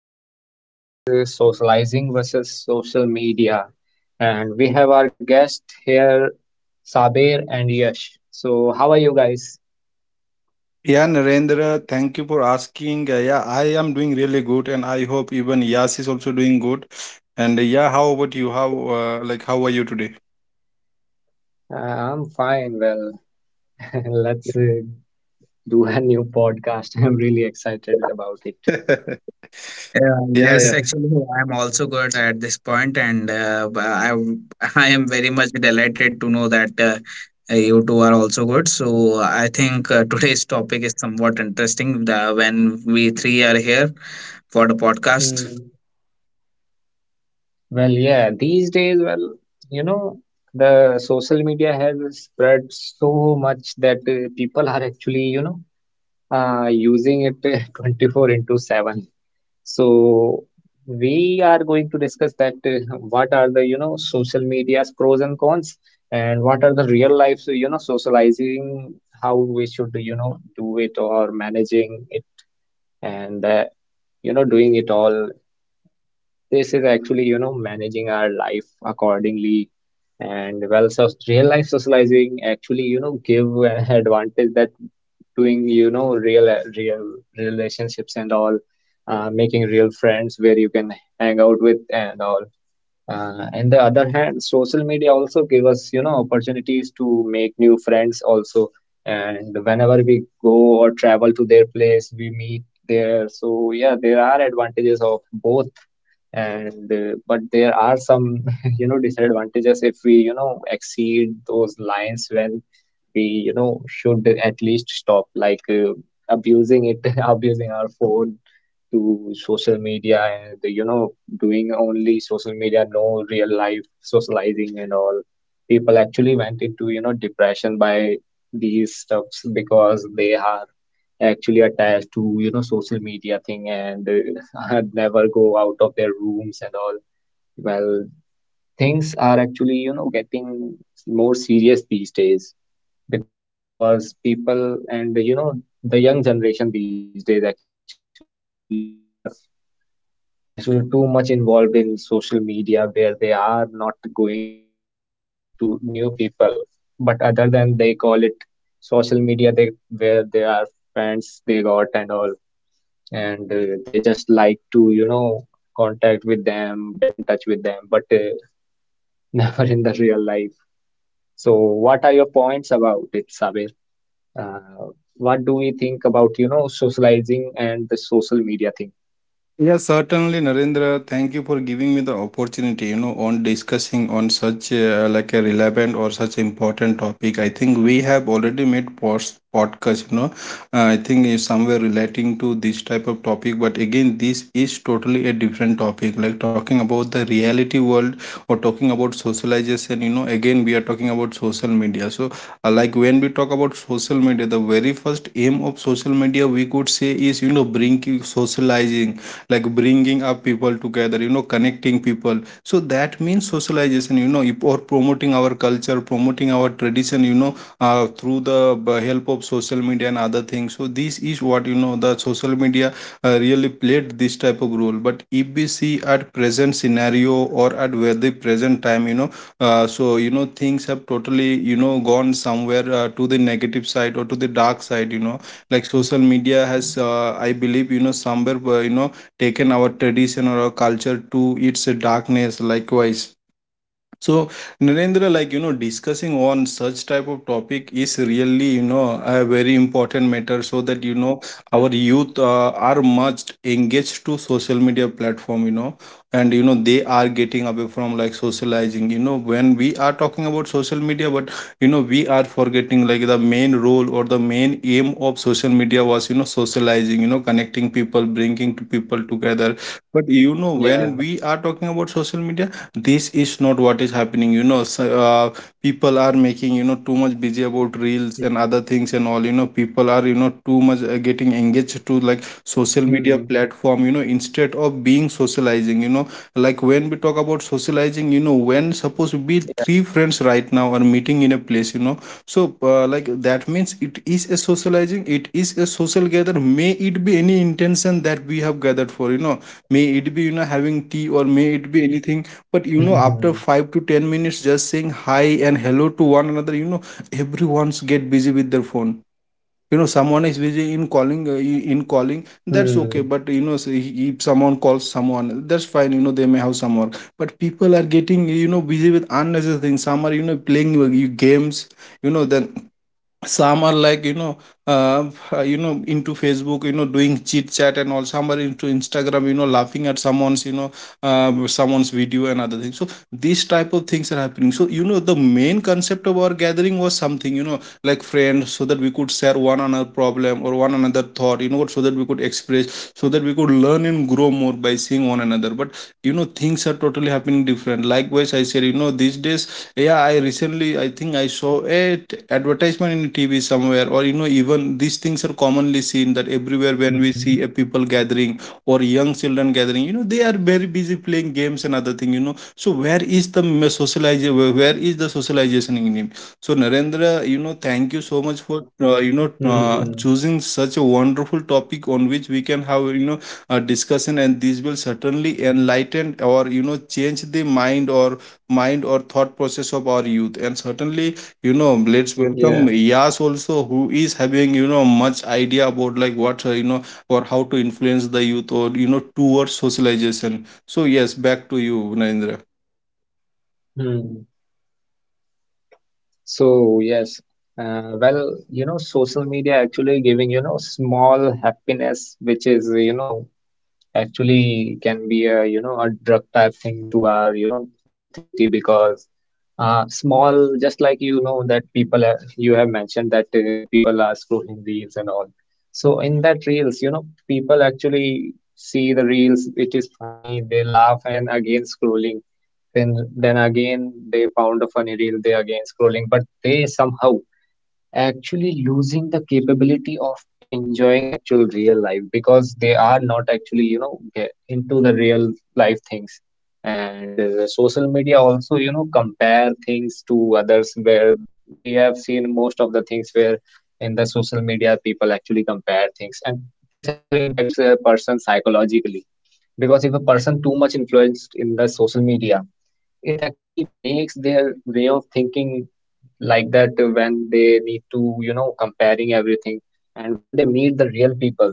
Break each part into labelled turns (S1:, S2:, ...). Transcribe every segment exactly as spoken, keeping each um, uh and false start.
S1: today's topic is uh, socializing versus social media. And we have our guest here, Sabir and Yash. So, how are you guys?
S2: Yeah, Narendra, thank you for asking. Uh, yeah, I am doing really good, and I hope even Yas is also doing good. And uh, yeah, how about you? How uh, like how are you today?
S1: Uh, I'm fine. Well, let's uh, do a new podcast. I'm really excited about it.
S3: Yeah,
S2: Yeah,
S3: yes,
S2: yeah.
S3: actually, I am also good at this point, and uh, b- I w- I am very much delighted to know that uh, you two are also good. So I think uh, today's topic is somewhat interesting. The, when we three are here for the podcast.
S1: Hmm. Well, yeah, these days, well, you know, the social media has spread so much that uh, people are actually, you know, uh, using it uh, twenty four into seven. So we are going to discuss that uh, what are the, you know, social media's pros and cons, and what are the real life, so, you know, socializing, how we should, you know, do it or managing it, and uh, you know, doing it all. This is actually you know managing our life accordingly. And well, so real life socializing actually you know give an advantage that doing you know real real relationships and all. uh, making real friends where you can hang out with and all. uh, and the other hand, social media also give us, you know, opportunities to make new friends also. And whenever we go or travel to their place, we meet there. So yeah, there are advantages of both. And uh, but there are some, you know, disadvantages if we, you know, exceed those lines when we, you know, should at least stop, like uh, abusing it, abusing our phone to social media. And the, you know doing only social media, no real life socializing and all, people actually went into you know depression by these stuffs, because they are actually attached to you know social media thing, and uh, never go out of their rooms and all. Well, things are actually you know getting more serious these days, because people and you know the young generation these days actually are actually too much involved in social media, where they are not going socializing to new people. But other than they call it social media, they where they are friends they got and all, and uh, they just like to you know contact with them, get in touch with them, but uh, never in the real life. So, what are your points about it, Sabir? Uh, what do we think about you know socializing and the social media thing?
S2: Yeah, certainly, Narendra. Thank you for giving me the opportunity, you know, on discussing on such uh, like a relevant or such important topic. I think we have already made post podcast, you know, uh, I think is somewhere relating to this type of topic. But again, this is totally a different topic, like talking about the reality world or talking about socialization. You know, again, we are talking about social media. So, uh, like when we talk about social media, the very first aim of social media we could say is, you know, bring you socializing, like bringing up people together, you know, connecting people, so that means socialization. You know, if, or promoting our culture, promoting our tradition, you know, uh, through the b- help of social media and other things. So this is what, you know, the social media uh, really played this type of role. But if we see at present scenario or at where the present time, you know, uh, so you know things have totally, you know, gone somewhere uh, to the negative side or to the dark side, you know, like social media has uh, I believe, you know, somewhere uh, you know taken our tradition or our culture to its darkness likewise. So, Narendra, like, you know, discussing on such type of topic is really, you know, a very important matter, so that, you know, our youth uh,
S1: Mm,
S2: are much engaged to social media platform, you know, and you know they are getting away from like socializing. You know, when we are talking about social media, but you know we are forgetting like the main role or the main aim of social media was, you know, socializing, you know, connecting people, bringing people together. But you know,
S1: yeah.
S2: when we are talking about social media, this is not what is happening, you know. So, uh, people are making, you know, too much busy about reels
S1: Mm,
S2: and other things and all. You know, people are, you know, too much uh, getting engaged to like social media
S1: mm,
S2: platform, you know, instead of being socializing, you know, like when we talk about socializing. You know, when suppose we
S1: yeah.
S2: three friends right now are meeting in a place, you know, so uh, like that means it is a socializing, it is a social gather, may it be any intention that we have gathered for, you know, may it be, you know, having tea or may it be anything. But you know,
S1: Mhm.
S2: after five to ten minutes, just saying hi and hello to one another, you know, everyone's get busy with their phone. You know, someone is busy in calling, uh, in calling. That's
S1: Mm.
S2: okay. But you know, say if someone calls someone, that's fine. You know, they may have some work. But people are getting, you know, busy with unnecessary things. Some are, you know, playing uh, games. You know, then some are like, you know, uh, you know into Facebook, you know, doing chit chat and all. Some are into Instagram, you know, laughing at someone's, you know, uh, someone's video and other things. So these type of things are happening. So you know the main concept of our gathering was something, you know, like friends, so that we could share one another problem or one another thought, you know, so that we could express, so that we could learn and grow more by seeing one another. But you know things are totally happening different. Likewise I said, you know, these days, yeah, I recently I think I saw a t- advertisement in TV somewhere. Or you know even these things are commonly seen that everywhere when we see a
S1: Mhm.
S2: people gathering or young children gathering, you know, they are very busy playing games and other thing, you know. So where is the socialization? Where is the socialization in him? So Narendra, you know, thank you so much for uh, you know uh,
S1: Mhm.
S2: choosing such a wonderful topic on which we can have, you know, uh, discussion, and these will certainly enlighten or, you know, change the mind or mind or thought process of our youth. And certainly, you know, let's
S1: Yeah.
S2: welcome Yas also, who is having, you know, much idea about like what, uh, you know, or how to influence the youth or, you know, towards socialization. So yes, back to you, Narendra.
S1: Mm. So yes. Uh, well, you know, social media actually giving, you know, small happiness, which is, you know, actually can be a you know a drug type thing to our you know mentality. Because uh small, just like you know that people are, you have mentioned that uh, people are scrolling reels and all. So in that reels, you know people actually see the reels, it is funny, they laugh, and then again scrolling. Then then again they found a funny reel, they again scrolling, but they somehow actually losing the capability of enjoying actual real life, because they are not actually you know get into the real life things. And uh, social media also you know compare things to others, where we have seen most of the things where in the social media people actually compare things, and this actually impacts a person psychologically, because if a person too much influenced in the social media, it actually makes their way of thinking like that, when they need to, you know, comparing everything. And when they meet the real people,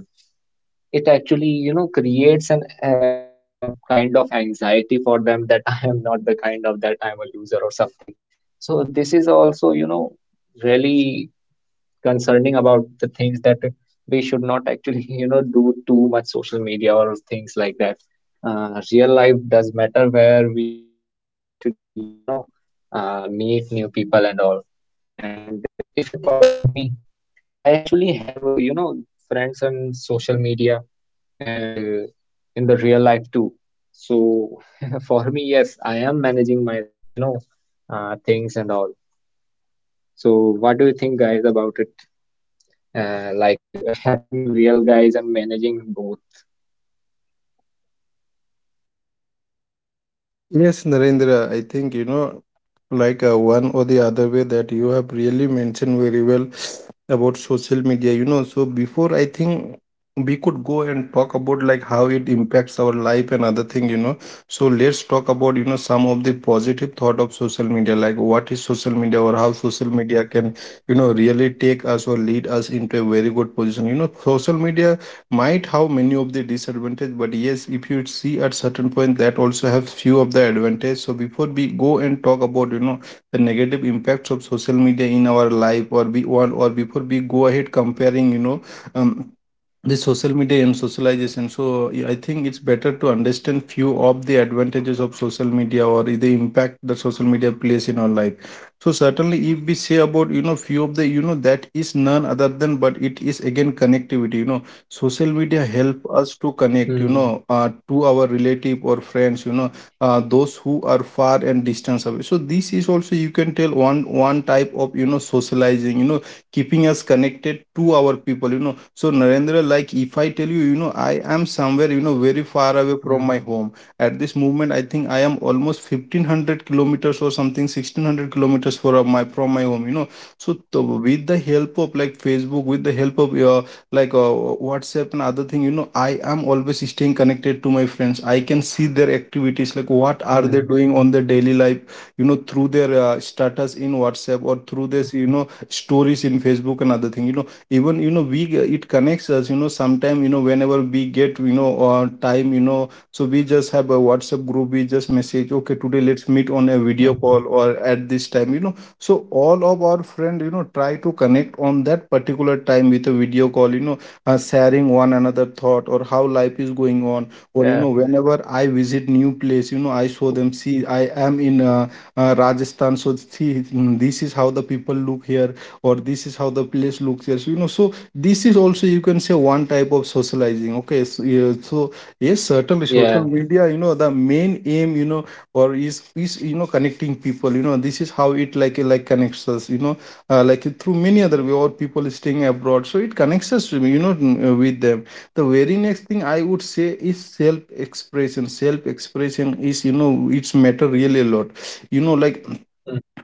S1: it actually, you know, creates an uh, some kind of anxiety for them that I am not the kind of that I'm a loser or something. So this is also, you know, really concerning about the things that we should not actually you know do too much social media or things like that. uh, real life does matter where we need we actually you know uh, meet new people and all. And uh, if you talk about me, I actually have uh, you know friends on social media, and uh, in the real life too. So for me, yes, I am managing my you know uh, things and all. So what do you think guys about it, uh, like uh, having real guys and managing both?
S2: Yes, Narendra, I think, you know, like uh, one or the other way that you have really mentioned very well about social media, you know. So, before I think we could go and talk about like how it impacts our life and other thing, you know. So, let's talk about, you know, some of the positive thought of social media, like what is social media or how social media can, you know, really take
S1: Mm-hmm.
S2: us or lead us into a very good position, you know. Social media might have many of the disadvantage, but yes, if you see at certain point, that also have few of the advantage. So before we go and talk about, you know, the negative impacts of social media in our life, or we or, or before we go ahead comparing, you know, um, the social media and socialization. So yeah, I think it's better to understand few of the advantages of social media or the impact that social media plays in our life. So certainly if we say about, you know, few of the, you know, that is none other than, but it is again connectivity, you know. Social media help us to connect, you know, uh,
S1: Mm,
S2: to our relative or friends, you know, uh, those who are far and distance away. So this is also you can tell one one type of, you know, socializing, you know, keeping us connected to our people, you know. So Narendra, like, if I tell you, you know, I am somewhere, you know, very far away from my home.
S1: mm,
S2: At this moment I think I am almost fifteen hundred kilometers or something, sixteen hundred kilometers from my from my home, you know. So the, with the help of like Facebook, with the help of uh, like uh, WhatsApp and other thing, you know, I am always staying connected to my friends. I can see their activities, like what are they doing on their
S1: yeah,
S2: daily life, you know, through their uh, status in WhatsApp, or through this, you know,
S1: mm,
S2: stories in Facebook and other thing, you know. Even, you know, we, it connects us, you know, sometime, you know, whenever we get, you know, uh, time, you know. So we just have a WhatsApp group, we just message, okay, today let's meet on a video call or at this
S1: mm.
S2: time, you know. So all of our friend, you know, try to connect on that particular time with a video call, you know, uh, sharing one another thought or how life is going on. Or you know, whenever I
S1: Yeah.
S2: visit new place, you know, I show them, see I am in uh, uh, Rajasthan. So see, mm, this is how the people look here, or this is how the place looks here. So, you know, so this is also you can say one type of socializing. Okay, so yeah. So yes, certainly social media, you know, the
S1: Yeah.
S2: main aim, you know, or is is you know, connecting people, you know. This is how it like like connects us, you know, uh, like through many other way, or people staying abroad, so it connects us, you know, n- uh, with them. The very next thing I would say is self expression. Self expression is, you know, it's matter really a lot, you know. Like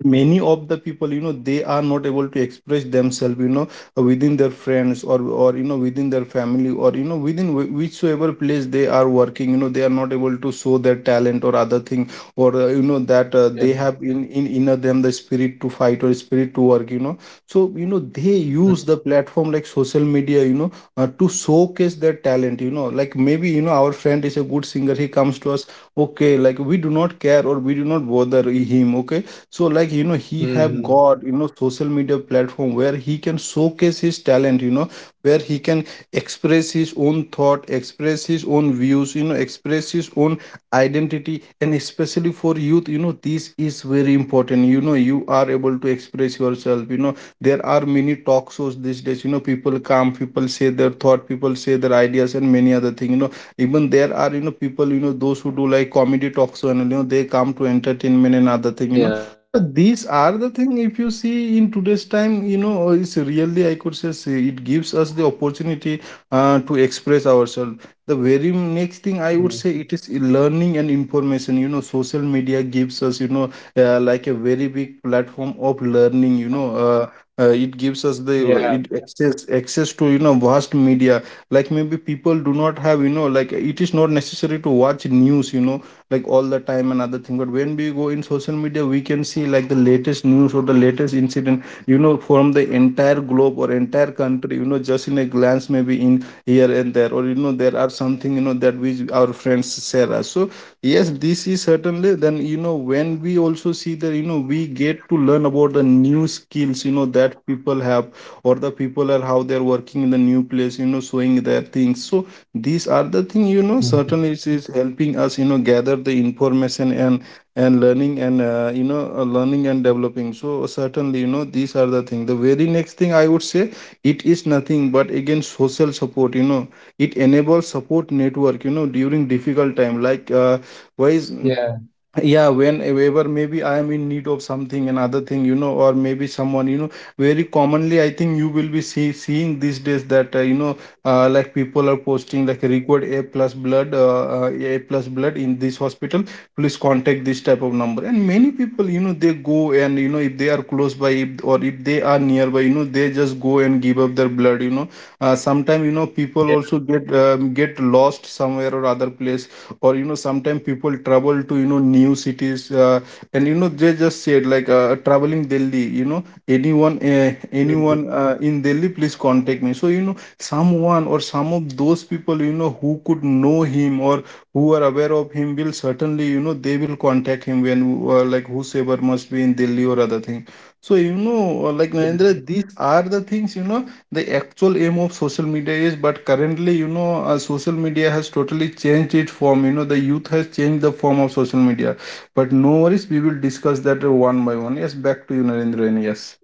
S2: many of the
S1: Mm,
S2: people, you know, they are not able to express themselves, you know, within their friends, or or you know within their family, or you know within whi- whichsoever place they are working, you know, they are not able to show their talent or other thing, or uh, you know, that uh, they have in, in
S1: yeah,
S2: inner them the spirit to fight or spirit to work, you know. So you know they use the platform like
S1: mm,
S2: social media, you know, uh, to showcase their talent, you know. Like maybe, you know, our friend is a good singer, he comes to us, okay, like we do not care or we do not bother him, okay. So like, you know, he have got, you know,
S1: mm,
S2: social media platform where he can showcase his talent, you know, where he can express his own thought, express his own views, you know, express his own identity. And especially for youth, you know, this is very important, you know, you are able to express yourself, you know. There are many talk shows these days, you know, people come, people say their thought, people say their ideas, and many other things you know Even there are you know people, you know those who do like comedy talk show, and you know they come to entertainment and other thing you know
S1: yeah,
S2: These are the thing. If you see in today's time, you know, it's really I could say say it gives us the opportunity uh, to express ourselves. The very next thing I would say it
S1: mm.
S2: is learning and information. You know, social media gives us you know uh, like a very big platform of learning. You know. Uh, uh, it gives us the it
S1: Yeah.
S2: access access to you know vast media. Like, maybe people do not have, you know like it is not necessary to watch news, you know like all the time and other thing. But when we go in social media, we can see like the latest news or the latest incident, you know from the entire globe or entire country, you know just in a glance, maybe in here and there, or you know there are something, you know that we our friends share us. So yes, this is certainly then, you know when we also see that, you know we get to learn about the new skills, you know that people have, or the people are how they're working in the new place, you know showing their things. So these are the thing. you know
S1: Mm,
S2: certainly it is helping us, you know gather the information, and and learning, and uh, you know uh, learning and developing. So certainly, you know these are the thing. The very next thing I would say, it is nothing but again social support. you know it enables support network, you know during difficult time, like, uh, wise.
S1: yeah.
S2: Yeah, whenever maybe I am in need of something another thing, you know or maybe someone, you know very commonly I think you will be see, seeing these days that uh, you know uh, like people are posting like required A plus blood, uh, uh, A plus blood in this hospital, please contact this type of number. And many people, you know they go and, you know if they are close by, if, or if they are nearby, you know they just go and give up their blood. You know uh, sometimes, you know people also
S1: Yeah.
S2: get um, get lost somewhere or other place, or you know sometimes people travel to, you know new cities. Uh, and you know they just said like, uh, traveling Delhi, you know anyone, uh, anyone
S1: Mm-hmm.
S2: uh, in Delhi, please contact me. So you know someone or some of those people, you know who could know him or who are aware of him, will certainly, you know they will contact him, when uh, like whosoever must be in Delhi or other thing. So you know uh, like,
S1: Yeah.
S2: Narendra, these are the things, you know the actual aim of social media is. But currently, you know uh, social media has totally changed its form. you know the youth has changed the form of social media. But no worries, we will discuss that uh, one by one. Yes, back to you, Narendra. And yes.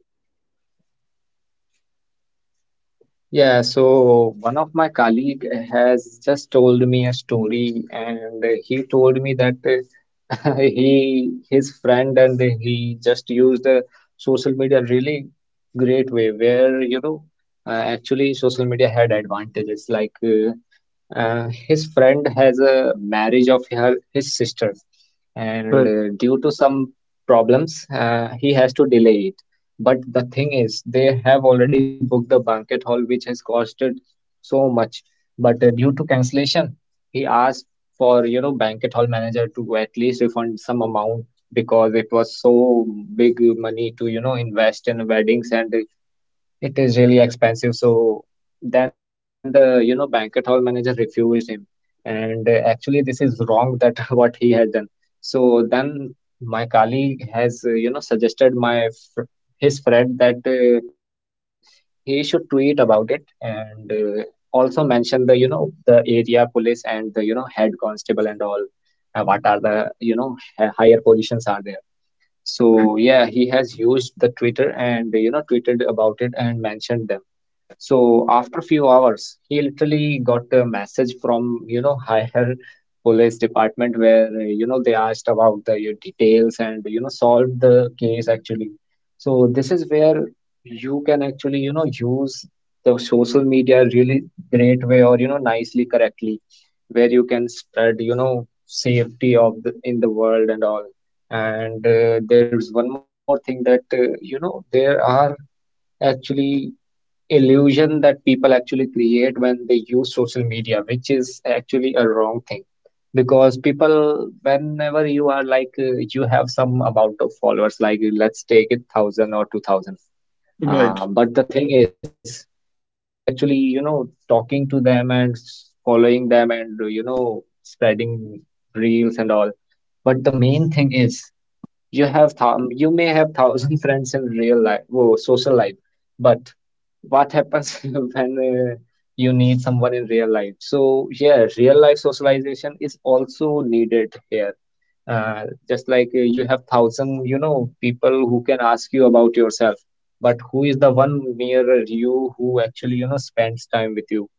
S1: Yeah, so one of my colleague has just told me a story, and he told me that uh, he his friend and he just used uh, social media really great way, where you know uh, actually social media had advantages like uh, uh, his friend has a marriage of her his sister, and
S2: Right,
S1: uh, due to some problems, uh, he has to delay it. But the thing is, they have already booked the banquet hall, which has costed so much. But uh, due to cancellation, he asked for you know banquet hall manager to at least refund some amount, because it was so big money to you know invest in weddings, and it is really expensive. So then the, you know, banquet hall manager refused him. And uh, actually, this is wrong that what he has done. So then my colleague has, uh, you know, suggested my fr his friend that uh, he should tweet about it, and uh, also mention the, you know, the area police, and the, you know, head constable and all. Uh, what are the, you know, h- higher positions are there. So yeah, he has used the Twitter and you know tweeted about it and mentioned them. So after few hours, he literally got a message from, you know, higher police department where, uh, you know, they asked about the your details, and, you know, solved the case actually. So this is where you can actually, you know, use the social media really great way, or, you know, nicely, correctly, where you can spread, you know, safety of the in the world and all. And uh, there's one more thing that, uh, you know, there are actually illusion that people actually create when they use social media, which is actually a wrong thing. Because people, whenever you are like, uh, you have some amount of followers, like uh, let's take it thousand or two thousand.
S2: right,
S1: Uh, but the thing is, people are actually, you know, talking to them and s- following them, and, uh, you know, spreading reels and all. But the main thing is, you have th you may have thousand friends in real life, oh, social life, but what happens when uh, you need someone in real life? So yeah, real life socialization is also needed here. Uh, just like uh, you have thousand, you know, people who can ask you about yourself, but who is the one nearer you who actually, you know, spends time with you?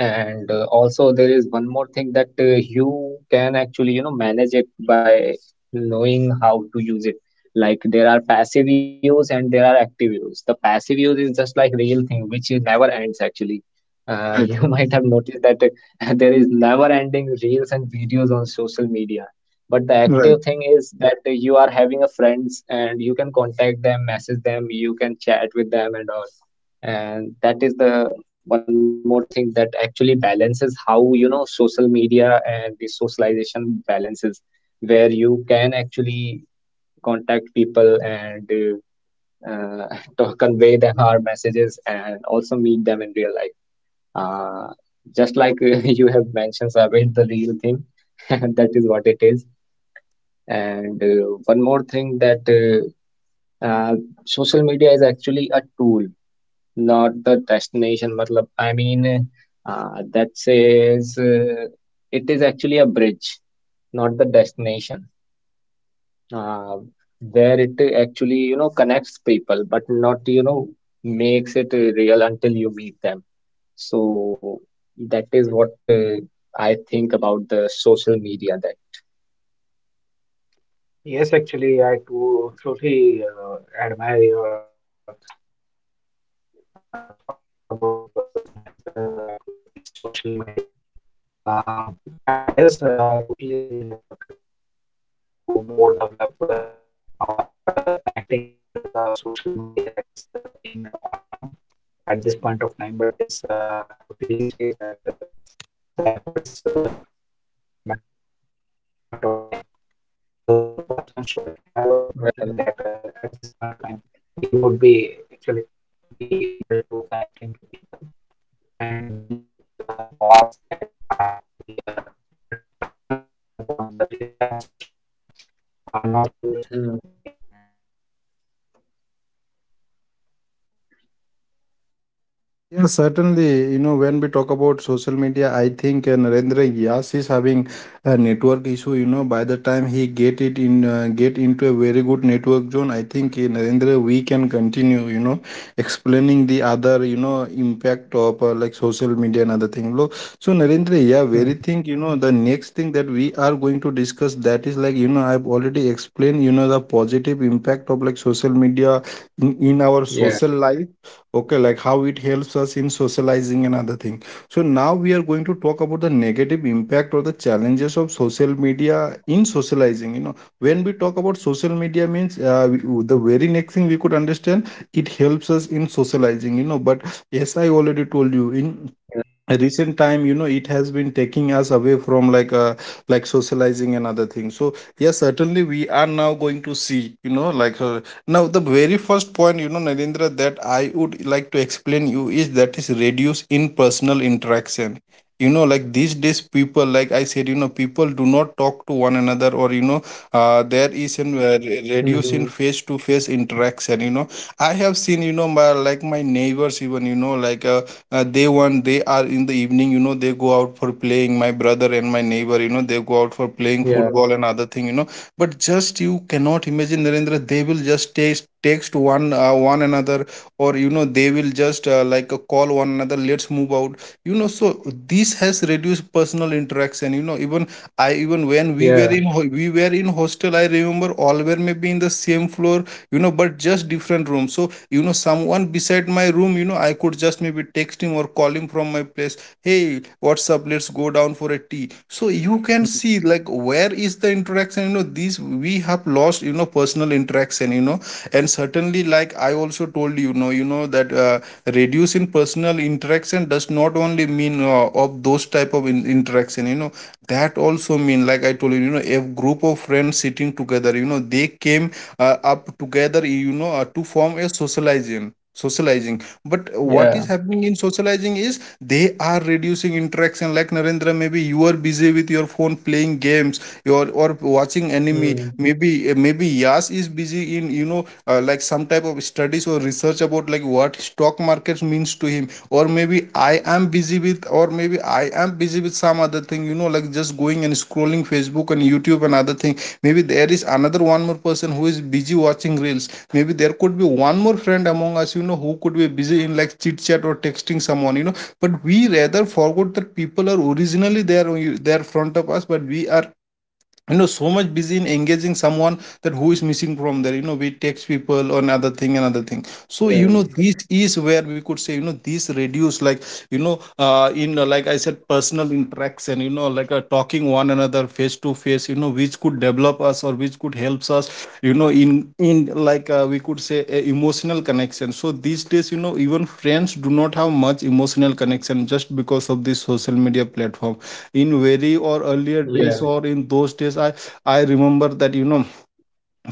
S1: And uh, also there is one more thing that uh, you can actually, you know, manage it by knowing how to use it. Like there are passive views and there are active views. The passive use is just like real thing, which is never ends actually. Uh, you
S2: right,
S1: might have noticed that uh, there is never ending reels and videos on social media. But the
S2: right.
S1: active thing is that uh, you are having a friends and you can contact them, message them, you can chat with them and all, and that is the one more thing that actually balances how you know social media and the socialization balances, where you can actually contact people, and uh, uh, to convey them our messages and also meet them in real life. uh, just like uh, you have mentioned, Sabir, the real thing, that is what it is. And uh, one more thing that uh, uh, social media is actually a tool, not the destination, matlab I mean, uh, that says uh, it is actually a bridge, not the destination, uh, where it actually you know connects people, but not you know makes it uh, real until you meet them. So that is what uh, I think about the social media that.
S3: Yes, actually, I too truly uh, admire your uh, thoughts about the process manager at what is social media. Uh,
S1: Well. Mm-hmm.
S2: Yeah, certainly. You know, when we talk about social media, I think uh, Narendra Yas is having a network issue. You know, by the time he get it in, uh, get into a very good network zone, I think, uh, Narendra, we can continue, You know, explaining the other, you know, impact of uh, like social media and other thing. Look, so Narendra, yeah, very
S1: Mm-hmm.
S2: thing. You know, the next thing that we are going to discuss, that is like, you know I've already explained You know, the positive impact of like social media in, in our
S1: Yeah,
S2: social life. Okay, like how it helps us in socializing and other thing. So now we are going to talk about the negative impact or the challenges of social media in socializing. you know when we talk about social media means, uh, we- the very next thing we could understand, it helps us in socializing, you know but yes, I already
S1: yeah.
S2: told you, in a recent time, you know it has been taking us away from like uh like socializing and other things. So yes, certainly, we are now going to see, you know like uh, now the very first point, you know Narendra, that I would like to explain you, is that is reduce in personal interaction. you know like these days people, like I said, you know people do not talk to one another, or, you know uh, there is an
S1: Mm-hmm.
S2: uh, re- reduce in face to face interaction. you know I have seen, you know my like my neighbors even, you know like uh, uh, they want they are in the evening, you know they go out for playing, my brother and my neighbor, you know they go out for playing
S1: Yeah,
S2: football and other thing. You know but just you cannot imagine, Narendra, they will just taste text one uh, one another. Or, you know they will just uh, like, uh, call one another, "Let's move out." you know so this has reduced personal interaction, you know even I, even when we
S1: yeah.
S2: were in ho- we were in hostel, I remember all were maybe in the same floor, you know, but just different room. So you know, someone beside my room, you know, I could just maybe text him or call him from my place. "Hey, what's up? Let's go down for a tea." So you can see,
S1: Mm-hmm.
S2: like, where is the interaction? You know, these we have lost, you know, personal interaction. You know, and certainly, like I also told you, you know, you know that uh, reduce in personal interaction interaction does not only mean uh, of those type of in- interaction. you know that also mean, like I told you, you know a group of friends sitting together, you know they came uh, up together, you know uh, to form a socializing socializing But what is
S1: Yeah.
S2: happening in socializing is, they are reducing interaction. Like, Narendra, maybe you are busy with your phone playing games, your or watching anime.
S1: Mm,
S2: Maybe maybe Yas is busy in, you know uh, like some type of studies or research about, like, what stock market means to him. Or maybe i am busy with or maybe I am busy with some other thing, you know like just going and scrolling Facebook and YouTube and other thing. Maybe there is another one more person who is busy watching reels. Maybe there could be one more friend among us, you know who could be busy in, like, chit chat or texting someone. You know but we rather forgot that people are originally there, there in front of us. But we are, you know so much busy in engaging someone, that who is missing from there. you know we text people on other thing another thing. So you
S1: yeah,
S2: know this is where we could say, you know this reduce, like, you know uh, in, uh, like I said, personal interaction, you know like uh, talking one another face to face, you know which could develop develop us, or which could helps us you know in, in like uh, we could say, a emotional connection. So these days, you know even friends do not have much emotional connection just because of this social media platform. In very or earlier
S1: yeah.
S2: days, or in those days, i i remember that, you know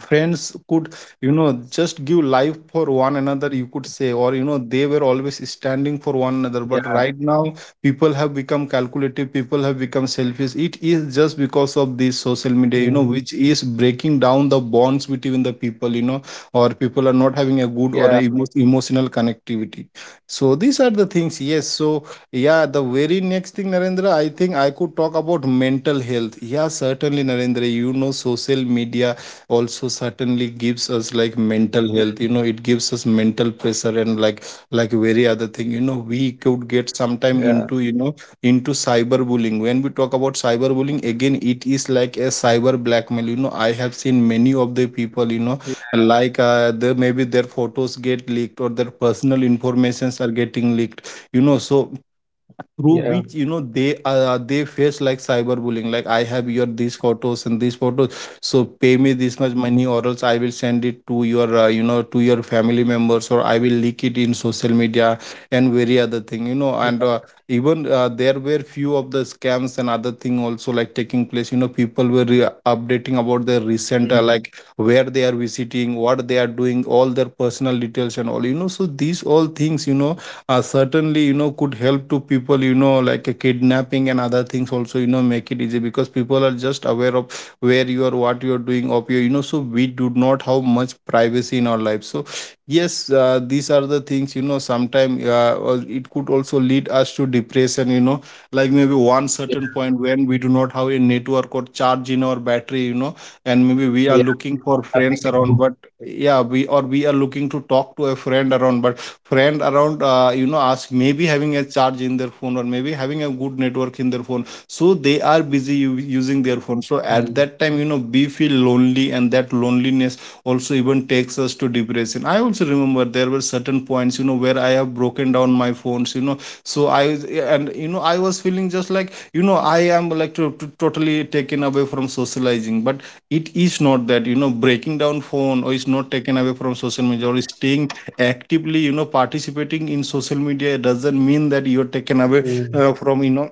S2: friends could, you know just give life for one another, you could say, or, you know they were always standing for one
S1: Yeah,
S2: another. But right now, people have become calculative, people have become selfish. It is just because of this social
S1: mm,
S2: media, you know which is breaking down the bonds between the people, you know or people are not having a
S1: yeah,
S2: good or a emo- emotional connectivity. So these are the things, yes. So yeah, the very next thing, Narendra, I think I could talk about mental health. Yeah, certainly, Narendra, you know social media also certainly gives us like mental
S1: mm,
S2: health, you know it gives us mental pressure and like like very other thing. you know we could get
S1: yeah,
S2: sometime into, you know into cyberbullying. When we talk about cyberbullying, again it is like a cyber blackmail. you know I have seen many of the people, you know
S1: yeah,
S2: like uh, the, maybe their photos get leaked or their personal informations are getting leaked. you know so
S1: yeah,
S2: through which, you know they uh, they face like cyberbullying. Like, "I have your these photos and these photos, so pay me this much money, or else I will send it to your, uh, you know to your family members, or I will leak it in social media and very other thing." you know and
S1: yeah,
S2: uh, even uh, there were few of the scams and other thing also like Taking place, you know people were re- updating about their recent, uh,
S1: mm,
S2: like, where they are visiting, what they are doing, all their personal details and all, you know so these all things, you know uh, certainly, you know could help to people, you know like, uh, kidnapping and other things also, you know make it easy, because people are just aware of where you are, what you are doing of your, you know so we do not have much privacy in our life. So yes, uh, these are the things, you know sometimes uh, uh, it could also lead us to depression, you know like maybe one certain point
S1: yeah,
S2: when we do not have a network or charge in our battery, you know and maybe we are looking for
S1: yeah, we have
S2: friends around,
S1: nothing to
S2: but
S1: do.
S2: yeah, we, or we are looking to talk to a friend around, but friend around, uh, you know ask, maybe having a charge in their phone or maybe having a good network in their phone, so they are busy u- using their
S1: Mm,
S2: phone. So at that time, you know we feel lonely, and that loneliness also even takes us to depression. I also remember there were certain points, you know where I have broken down my phones, you know so I was, and you know I was feeling just like, you know I am like to, to totally taken away from socializing. But it is not that, you know breaking down phone or is not taken away from social media, or staying actively, you know participating in social media, it doesn't mean that you're taken away uh,
S1: mm,
S2: from, you know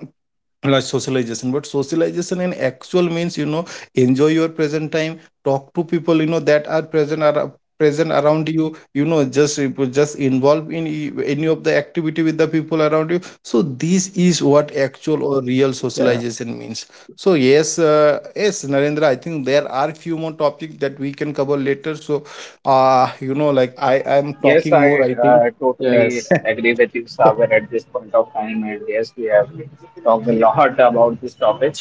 S2: like, socialization. But socialization in actual means, you know enjoy your present time, talk to people, you know that are present, are present around you, you know just just involve in e- any of the activity with the people around you. So this is what actual or
S1: yeah,
S2: real socialization means. So yes, uh, yes, Narendra, I think there are few more topics that we can cover later, so uh you know like, i i'm
S3: Yes,
S2: talking more,
S3: I
S2: I think.
S3: uh,
S1: yes,
S3: totally agree with you, Saber, at this point of time. And yes, we have talked a lot about this topic.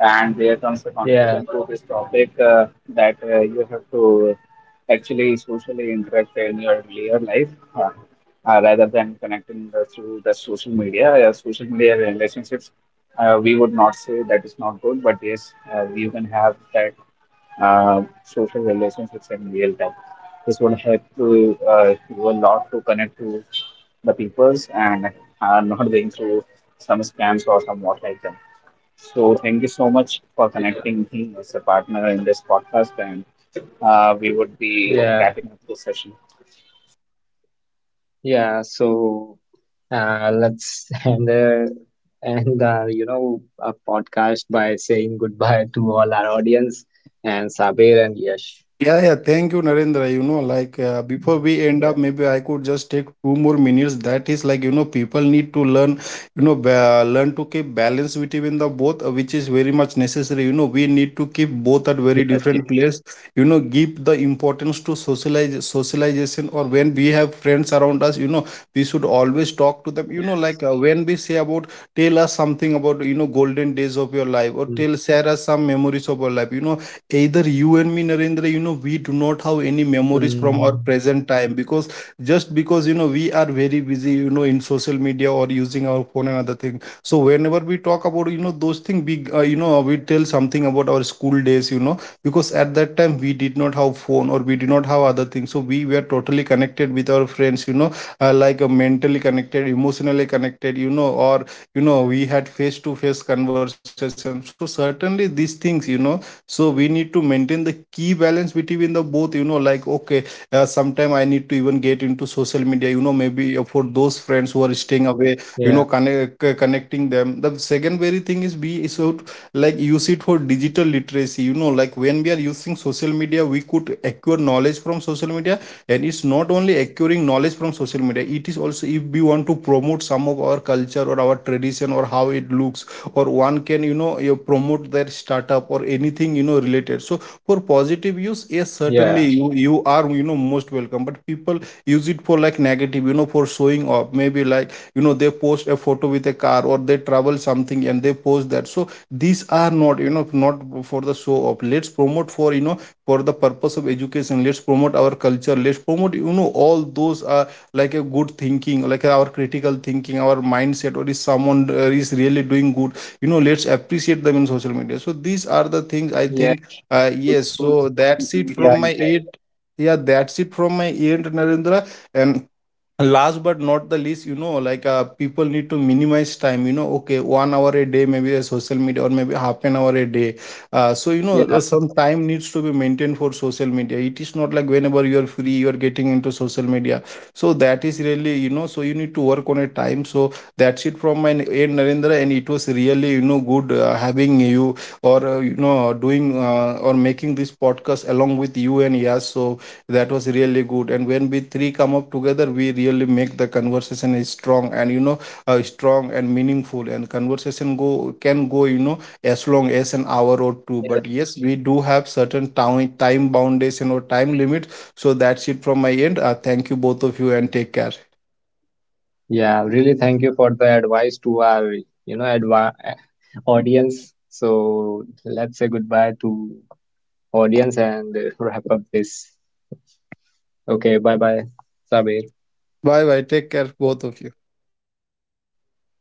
S3: And there comes the
S1: yeah,
S3: conclusion to this topic uh, that uh, you have to actually socially interact in your real life, uh, uh, rather than connecting the, through the social media. Uh, social media relationships, uh, we would not say that is not good, but yes, uh, you can have that uh, social relationships in real time. This would help to uh, do a lot to connect to the peoples and are not going through some scams or some what like that. So thank you so much for
S1: yeah,
S3: connecting me as a partner in this podcast, and uh, we would be
S1: yeah,
S3: wrapping up this session.
S1: yeah. So uh, let's end uh, end uh, you know a podcast by saying goodbye to all our audience and Sabir and Yash.
S2: Yeah, yeah. Thank you, Narendra. You know, like, uh, before
S1: Mm.
S2: we end up,
S1: Yeah.
S2: maybe I could just take two more minutes. That is like, you know, people need to learn, you know, ba- learn to keep balance between the both, uh, which is very much necessary. You know, we need to keep both at very different
S1: Yes,
S2: place.
S1: yes,
S2: You know, give the importance to socialize socialization, or when we have friends around us, you know, we should always talk to them. You know, like, uh,
S1: yes.
S2: when we say about, tell us something about, you know, golden days of your life, or tell
S1: Mm,
S2: share us some memories of your life. You know, either you and me, Narendra, you know we do not have any memories from our
S1: mm,
S2: present time, because just because, you know we are very busy, you know in social media or using our phone and other thing. So whenever we talk about, you know those things, we uh, you know we tell something about our school days, you know because at that time we did not have phone or we did not have other things, so we were totally connected with our friends, you know uh, like, uh, mentally connected, emotionally connected, you know or you know we had face to face conversation, so certainly these things, you know so we need to maintain the key balance between the both, you know like okay, uh, sometime I need to even get into social media, you know maybe uh, for those friends who are staying away,
S1: yeah,
S2: you know connect, connecting them. The second very thing is, we should, like, use it for digital literacy. you know like, when we are using social media, we could acquire knowledge from social media. And it's not only acquiring knowledge from social media, it is also, if we want to promote some of our culture, or our tradition, or how it looks, or one can, you know know you promote their startup or anything, you know related. So for positive use, yes,
S1: yeah.
S2: certainly you you are, you know most welcome. But people use it for, like, negative, you know for showing off. Maybe like, you know they post a photo with a car, or they travel something and they post that. So these are not, you know not for the show off. Let's promote for, you know for the purpose of education. Let's promote our culture, let's promote, you know all those are like a good thinking, like our critical thinking, our mindset. Or is someone, uh, is really doing good, you know let's appreciate them in social media. So these are the things I
S1: Yeah,
S2: think.
S1: using
S2: uh,
S1: good
S2: yes,
S1: use
S2: so
S1: of social
S2: that's it
S1: media
S2: from
S1: is
S2: my
S1: there.
S2: end. Yeah, that's it from my end, Narendra. And last but not the least, you know like, uh, people need to minimize time. you know okay, one hour a day maybe a social media, or maybe half an hour a day. uh, so you know uh, some
S1: Yes.
S2: time needs to be maintained for social media. It is not like whenever you are free, you are getting into social media. So that is really, you know so you need to work on a time. So that's it from my end, Narendra. And it was really, you know good, uh, having you, or uh, you know doing, uh, or making this podcast along with you and Yas. So that was really good. And when we three come up together, we really make the conversation is strong, and you know uh, strong and meaningful, and conversation go can go, you know as long as an hour or two. But
S1: Yeah.
S2: yes, we do have certain time time boundation or time limit. So that's it from my end. uh, thank you, both of you, and take care.
S1: Yeah. Really, thank you for the advice to our, you know, advi audience. So let's say goodbye to audience and uh, wrap up this. Okay. Bye bye, Sabir.
S2: Bye bye, take care, both of you.
S1: Yeah.